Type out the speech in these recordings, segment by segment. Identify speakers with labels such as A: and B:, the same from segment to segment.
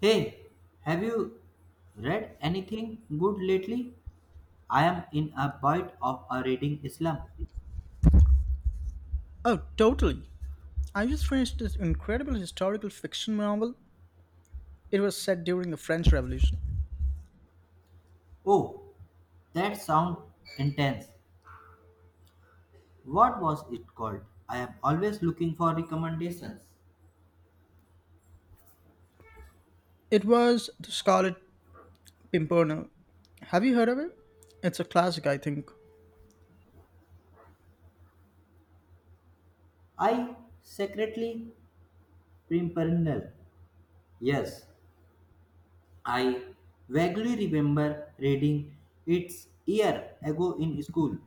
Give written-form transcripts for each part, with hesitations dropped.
A: Hey, have you read anything good lately? I am in a bit of a reading slump.
B: Oh, totally. I just finished this incredible historical fiction novel. It was set during the French Revolution.
A: Oh, that sounds intense. What was it called? I am always looking for recommendations.
B: It was The Scarlet Pimpernel. Have you heard of it? It's a classic, I think.
A: I secretly pimpernel. Yes, I vaguely remember reading it year ago in school.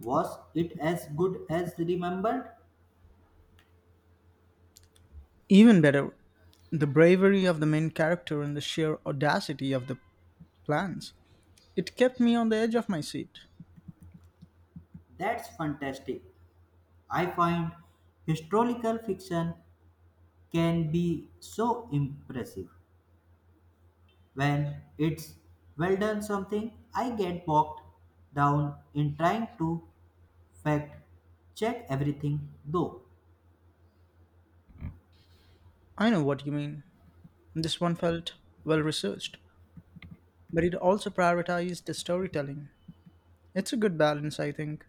A: Was it as good as remembered?
B: Even better, the bravery of the main character and the sheer audacity of the plans. It kept me on the edge of my seat.
A: That's fantastic. I find historical fiction can be so impressive when it's well done something I get bogged down in trying to fact check everything though
B: I know what you mean. This one felt well researched, but it also prioritized the storytelling. It's a good balance, I think.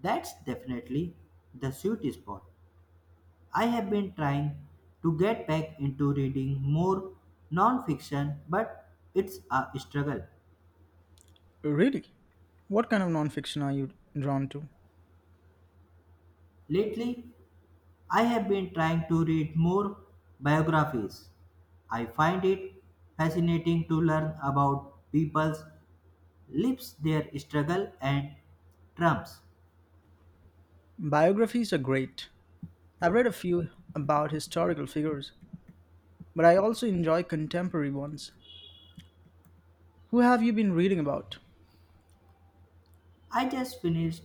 A: that's definitely the sweet spot. I have been trying to get back into reading more non-fiction but it's a struggle.
B: Really? What kind of nonfiction are you drawn to?
A: Lately I have been trying to read more biographies. I find it fascinating to learn about people's lives, their struggle, and triumphs.
B: Biographies are great. I've read a few about historical figures, but I also enjoy contemporary ones. Who have you been reading about?
A: I just finished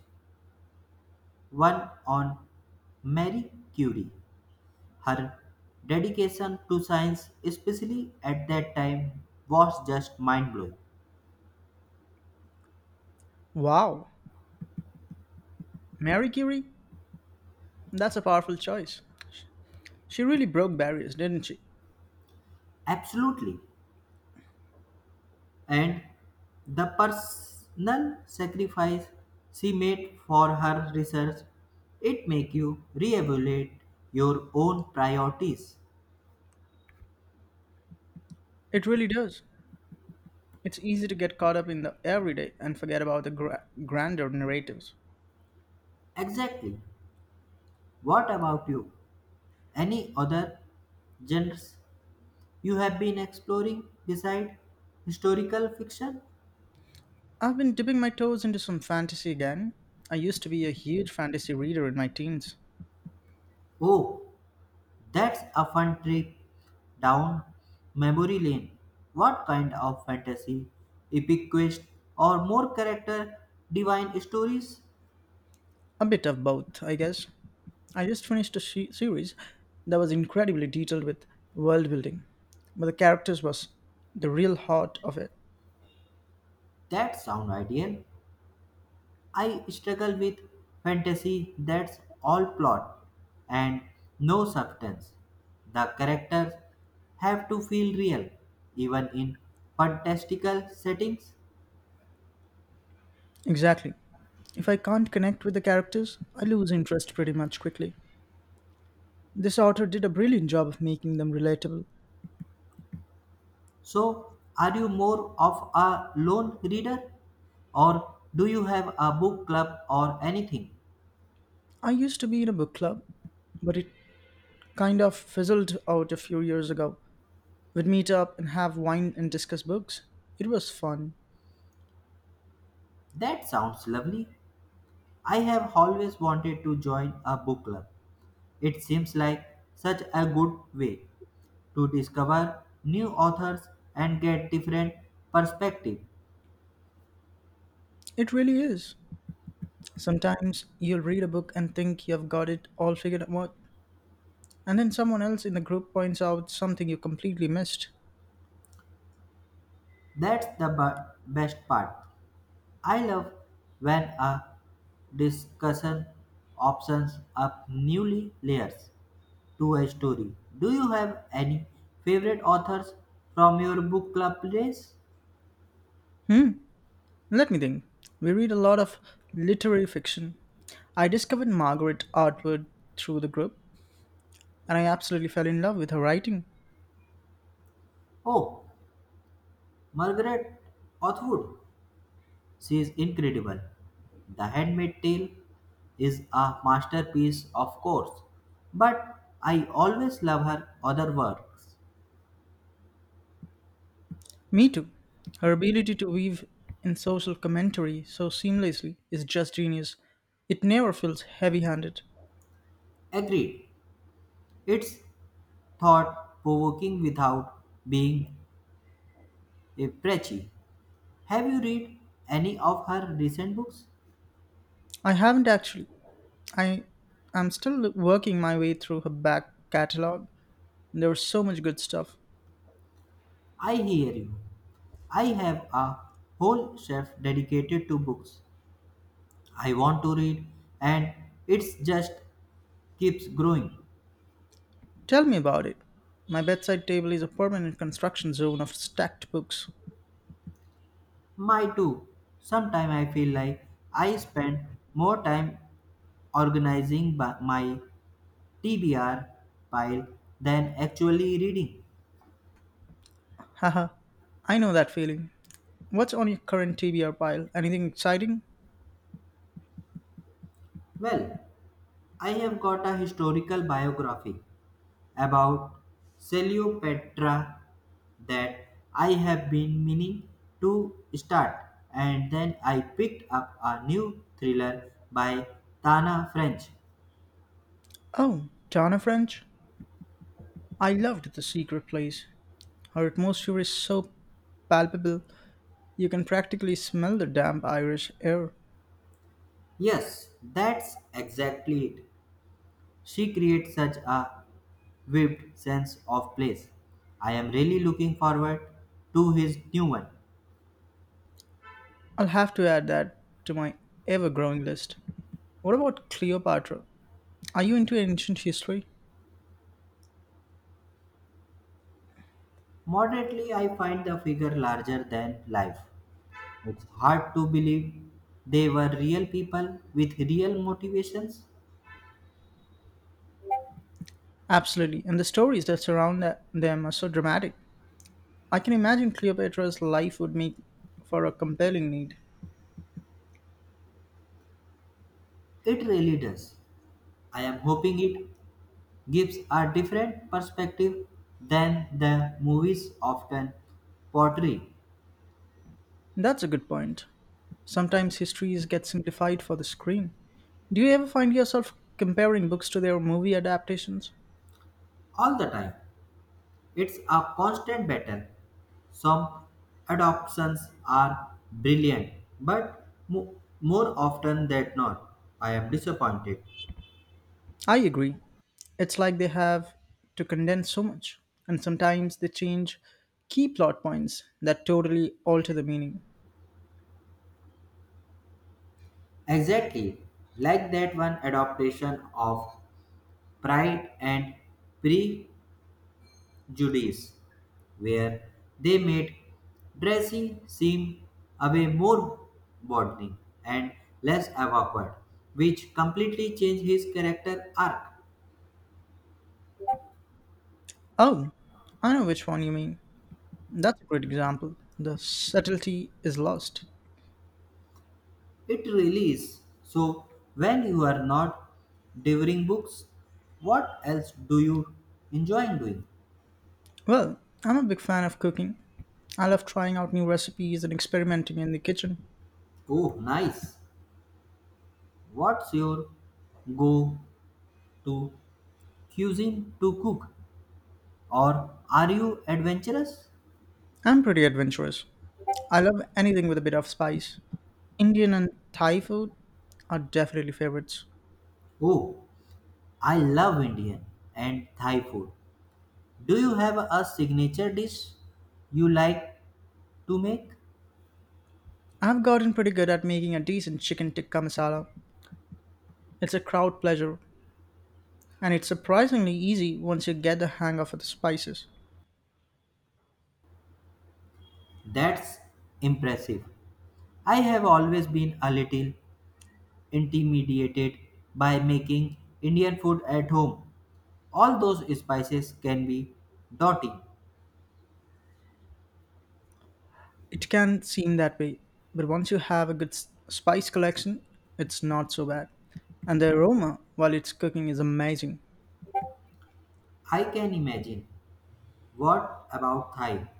A: one on Marie Curie. Her dedication to science, especially at that time, was just mind blowing.
B: Wow, Mary Curie? That's a powerful choice. She really broke barriers, didn't she?
A: Absolutely. And the personal sacrifice she made for her research, it make you reevaluate your own priorities.
B: It really does. It's easy to get caught up in the everyday and forget about the grander narratives.
A: Exactly. What about you, any other genres you have been exploring beside historical fiction?
B: I've been dipping my toes into some fantasy again. I used to be a huge fantasy reader in my teens.
A: Oh, that's a fun trip down memory lane. What kind of fantasy, epic quest or more character divine stories?
B: A bit of both, I guess. I just finished a series that was incredibly detailed with world building, but the characters was the real heart of it.
A: That sound ideal. I struggle with fantasy that's all plot and no substance. The characters have to feel real, even in fantastical settings.
B: Exactly. If I can't connect with the characters, I lose interest pretty much quickly. This author did a brilliant job of making them relatable.
A: So, are you more of a lone reader, or do you have a book club or anything?
B: I used to be in a book club, but it kind of fizzled out a few years ago. We'd meet up and have wine and discuss books. It was fun.
A: That sounds lovely. I have always wanted to join a book club. It seems like such a good way to discover new authors and get different perspective.
B: It really is. Sometimes you'll read a book and think you've got it all figured out, and then someone else in the group points out something you completely missed.
A: Best part. I love when a discussion opens up newly layers to a story. Do you have any favorite authors from your book club place?
B: Hmm, Let me think. We read a lot of literary fiction. I discovered Margaret Atwood through the group, and I absolutely fell in love with her writing.
A: Oh, Margaret Atwood. She is incredible. The Handmaid's Tale is a masterpiece, of course, but I always love her other works.
B: Me too. Her ability to weave in social commentary so seamlessly is just genius. It never feels heavy handed.
A: Agreed, it's thought provoking without being a preachy. Have you read any of her recent books?
B: I haven't actually. I am still working my way through her back catalogue. There was so much good stuff.
A: I hear you. I have a whole shelf dedicated to books I want to read, and it's just keeps growing.
B: Tell me about it. My bedside table is a permanent construction zone of stacked books.
A: My too. Sometimes I feel like I spend more time my TBR pile than actually reading.
B: Haha, I know that feeling. What's on your current TBR pile? Anything exciting?
A: Well, I have got a historical biography about Cleopatra that I have been meaning to start, and then I picked up a new thriller by Tana French.
B: Oh, Donna French? I loved The Secret Place. Her atmosphere is so palpable, you can practically smell the damp Irish air.
A: Yes, that's exactly it. She creates such a Webb's sense of place. I am really looking forward to his new one.
B: I'll have to add that to my ever growing list. What about Cleopatra? Are you into ancient history?
A: Moderately, I find the figure larger than life. It's hard to believe they were real people with real motivations.
B: Absolutely, and the stories that surround them are so dramatic. I can imagine Cleopatra's life would make for a compelling need.
A: It really does. I am hoping it gives a different perspective than the movies often portray.
B: That's a good point. Sometimes histories get simplified for the screen. Do you ever find yourself comparing books to their movie adaptations?
A: All the time. It's a constant battle. Some adoptions are brilliant, but more often than not, I am disappointed.
B: I agree. It's like they have to condense so much, and sometimes they change key plot points that totally alter the meaning.
A: Exactly, like that one adaptation of Pride and Prejudice, where they made dressing seem a way more bonding and less awkward, which completely changed his character arc.
B: Oh, I know which one you mean. That's a great example. The subtlety is lost.
A: It really is. So, when you are not devouring books, what else do you enjoy doing?
B: Well, I'm a big fan of cooking. I love trying out new recipes and experimenting in the kitchen.
A: Oh, nice. What's your go to cuisine to cook? Or are you adventurous?
B: I'm pretty adventurous. I love anything with a bit of spice. Indian and Thai food are definitely favorites.
A: Oh, I love Indian and Thai food. Do you have a signature dish you like to make?
B: I've gotten pretty good at making a decent chicken tikka masala. It's a crowd pleasure, and it's surprisingly easy once you get the hang of the spices.
A: That's impressive. I have always been a little intimidated by making Indian food at home. All those spices can be daunting.
B: It can seem that way, but once you have a good spice collection, it's not so bad. And the aroma while it's cooking is amazing.
A: I can imagine. What about Thai?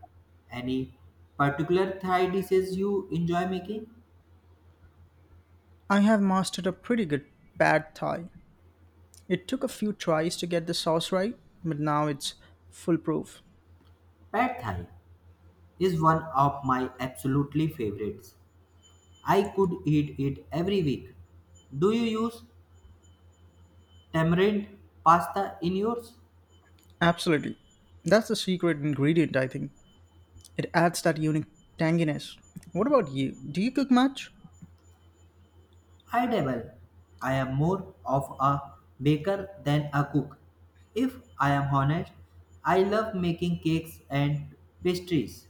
A: Any particular Thai dishes you enjoy making?
B: I have mastered a pretty good pad thai. It took a few tries to get the sauce right, but now it's foolproof.
A: Pad Thai is one of my absolutely favorites. I could eat it every week. Do you use tamarind pasta in yours?
B: Absolutely. That's the secret ingredient, I think. It adds that unique tanginess. What about you? Do you cook much?
A: I dabble. I am more of a baker than a cook. If I am honest, I love making cakes and pastries.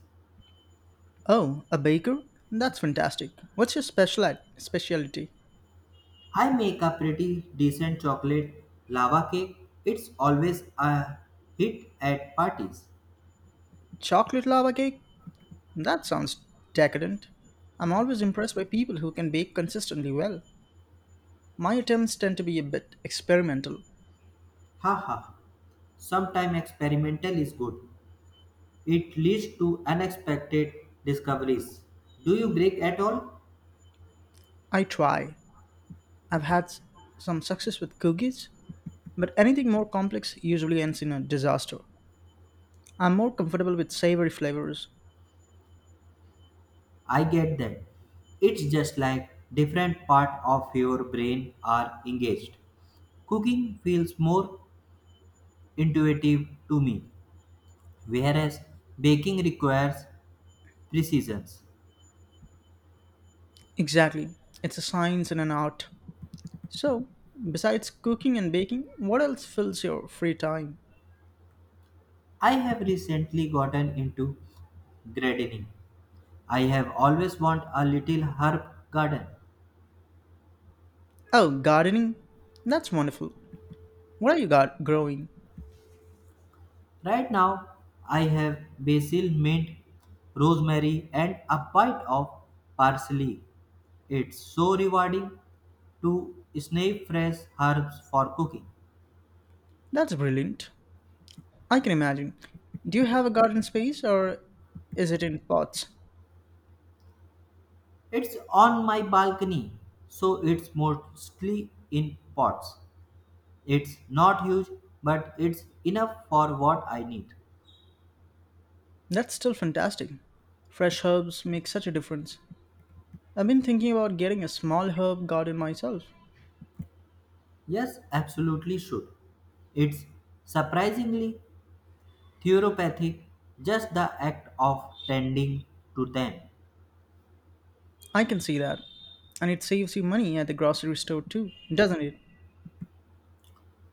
B: Oh, a baker? That's fantastic. What's your special specialty?
A: I make a pretty decent chocolate lava cake. It's always a hit at parties.
B: Chocolate lava cake? That sounds decadent. I'm always impressed by people who can bake consistently well. My attempts tend to be a bit experimental.
A: Ha ha ha. Sometimes experimental is good. It leads to unexpected discoveries. Do you break at all?
B: I try, I've had s- some success with cookies, but anything more complex usually ends in a disaster. I'm more comfortable with savory flavors.
A: I get that. It's just like different part of your brain are engaged. Cooking feels more intuitive to me, whereas baking requires precision.
B: Exactly. It's a science and an art. So, besides cooking and baking, what else fills your free time?
A: I have recently gotten into gardening. I have always want a little herb garden.
B: Oh, gardening? That's wonderful. What are you got growing?
A: Right now, I have basil, mint, rosemary, and a bite of parsley. It's so rewarding to snap fresh herbs for cooking.
B: That's brilliant. I can imagine. Do you have a garden space or is it in pots?
A: It's on my balcony, so it's mostly in pots. It's not huge, but it's enough for what I need.
B: That's still fantastic. Fresh herbs make such a difference. I've been thinking about getting a small herb garden myself.
A: Yes, absolutely should. It's surprisingly therapeutic, just the act of tending to them.
B: I can see that. And it saves you money at the grocery store too, doesn't it?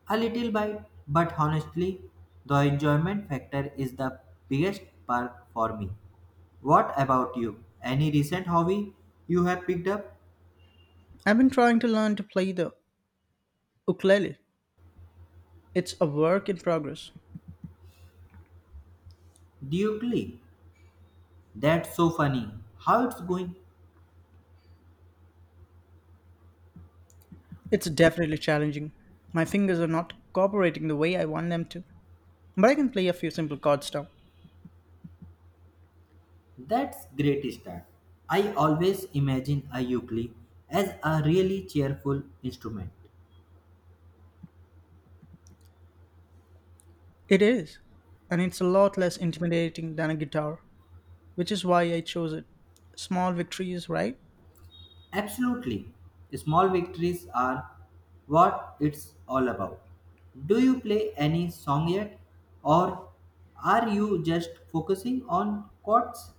A: A little bite, but honestly, the enjoyment factor is the biggest perk for me. What about you? Any recent hobby you have picked up?
B: I've been trying to learn to play the ukulele. It's a work in progress.
A: Duke. That's so funny. How it's going?
B: It's definitely challenging. My fingers are not cooperating the way I want them to. But I can play a few simple chords now.
A: That's great start. I always imagine a ukulele as a really cheerful instrument.
B: It is. And it's a lot less intimidating than a guitar, which is why I chose it. Small victories, right?
A: Absolutely. Small victories are what it's all about. Do you play any song yet? Or are you just focusing on chords?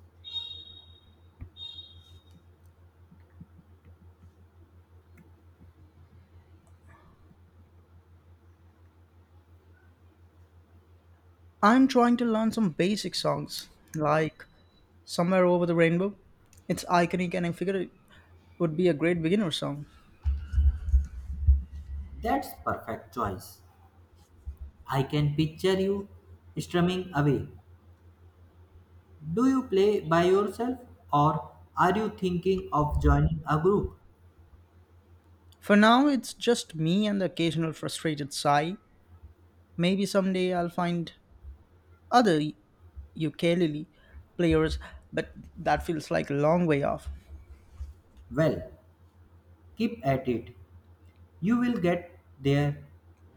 B: I'm trying to learn some basic songs like Somewhere Over the Rainbow. It's iconic and I figured it would be a great beginner song.
A: That's perfect choice. I can picture you strumming away. Do you play by yourself or are you thinking of joining a group?
B: For now, it's just me and the occasional frustrated sigh. Maybe someday I'll find other ukulele players, but that feels like a long way off.
A: Well, keep at it. You will get there.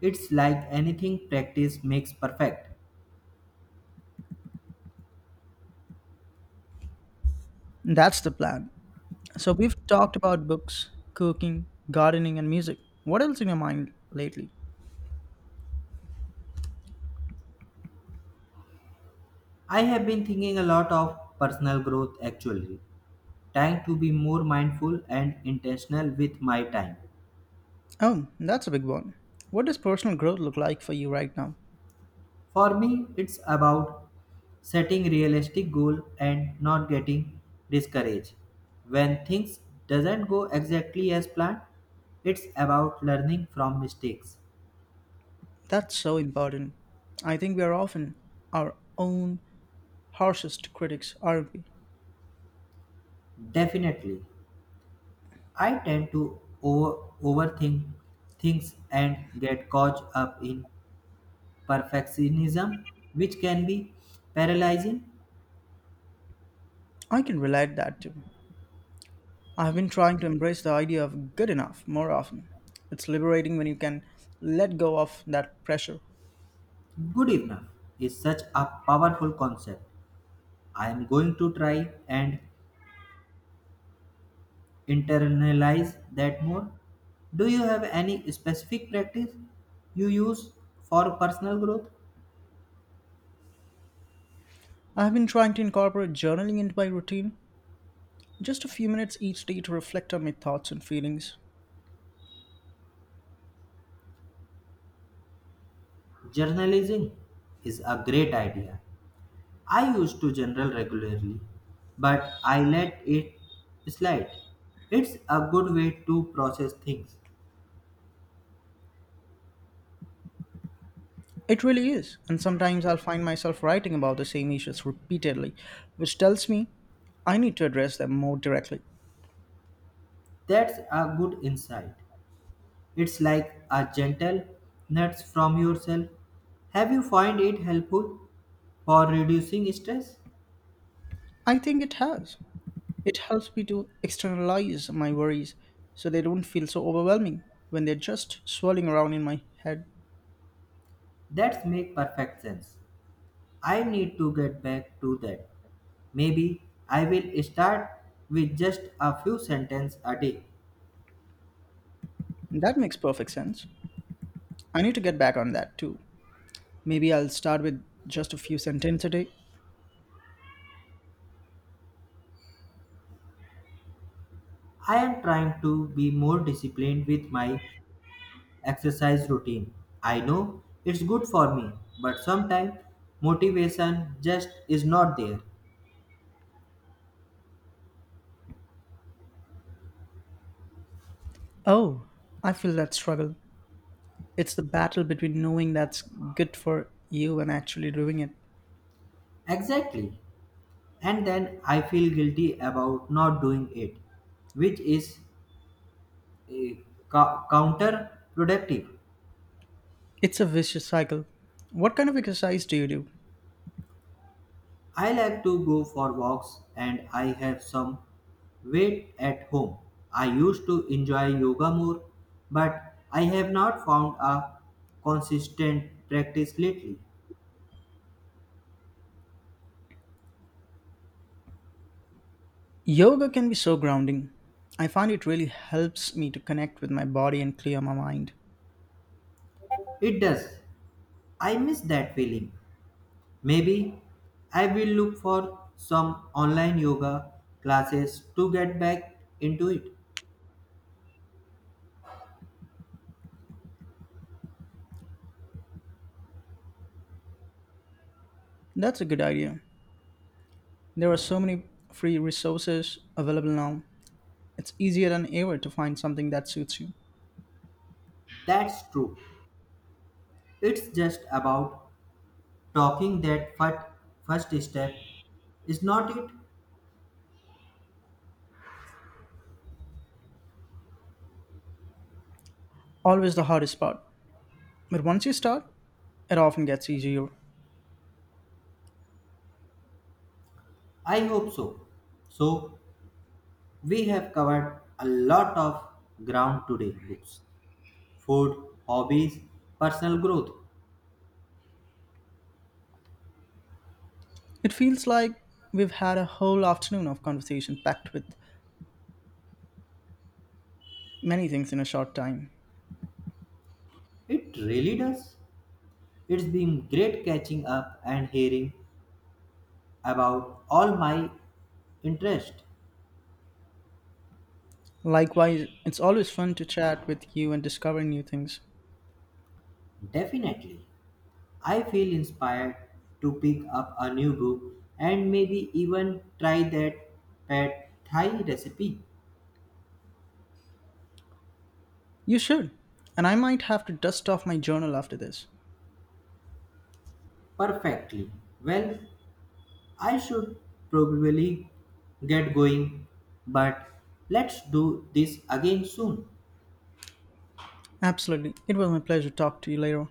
A: It's like anything practice makes perfect.
B: That's the plan. So we've talked about books, cooking, gardening, and music. What else in your mind lately?
A: I have been thinking a lot of personal growth actually, trying to be more mindful and intentional with my time.
B: Oh, that's a big one. What does personal growth look like for you right now?
A: For me, it's about setting realistic goal and not getting discouraged when things doesn't go exactly as planned. It's about learning from mistakes.
B: That's so important. I think we are often our own harshest critics, aren't we?
A: Definitely. I tend to overthink things and get caught up in perfectionism, which can be paralyzing.
B: I can relate that too. I've been trying to embrace the idea of good enough more often. It's liberating when you can let go of that pressure.
A: Good enough is such a powerful concept. I am going to try and internalize that more. Do you have any specific practice you use for personal growth?
B: I've been trying to incorporate journaling into my routine, just a few minutes each day to reflect on my thoughts and feelings.
A: Journalizing is a great idea. I used to journal regularly, but I let it slide. It's a good way to process things.
B: It really is, and sometimes I'll find myself writing about the same issues repeatedly, which tells me I need to address them more directly.
A: That's a good insight. It's like a gentle nudge from yourself. Have you find it helpful for reducing stress?
B: I think it has. It helps me to externalize my worries so they don't feel so overwhelming when they're just swirling around in my head.
A: That makes perfect sense. I need to get back to that. Maybe I will start with just a few sentences a day.
B: That makes perfect sense. I need to get back on that too. Maybe I'll start with just a few sentences a day.
A: I am trying to be more disciplined with my exercise routine. I know it's good for me, but sometimes motivation just is not there.
B: Oh, I feel that struggle. It's the battle between knowing that's good for you and actually doing it.
A: Exactly. And then I feel guilty about not doing it, which is eh, counterproductive.
B: It's a vicious cycle. What kind of exercise do you do?
A: I like to go for walks and I have some weight at home. I used to enjoy yoga more, but I have not found a consistent practice lately.
B: Yoga can be so grounding. I find it really helps me to connect with my body and clear my mind.
A: It does. I miss that feeling. Maybe I will look for some online yoga classes to get back into it.
B: That's a good idea. There are so many free resources available now. It's easier than ever to find something that suits you.
A: That's true. It's just about talking that fir- first step, is not it?
B: Always the hardest part. But once you start, it often gets easier.
A: I hope so. So, we have covered a lot of ground today, books, food, hobbies, personal growth.
B: It feels like we've had a whole afternoon of conversation packed with many things in a short time.
A: It really does. It's been great catching up and hearing about all my interest.
B: Likewise, it's always fun to chat with you and discover new things.
A: Definitely. I feel inspired to pick up a new book and maybe even try that pad thai recipe
B: You should. And I might have to dust off my journal after this.
A: perfectly. Well, I should probably get going, but let's do this again soon.
B: Absolutely. It was my pleasure to talk to you later.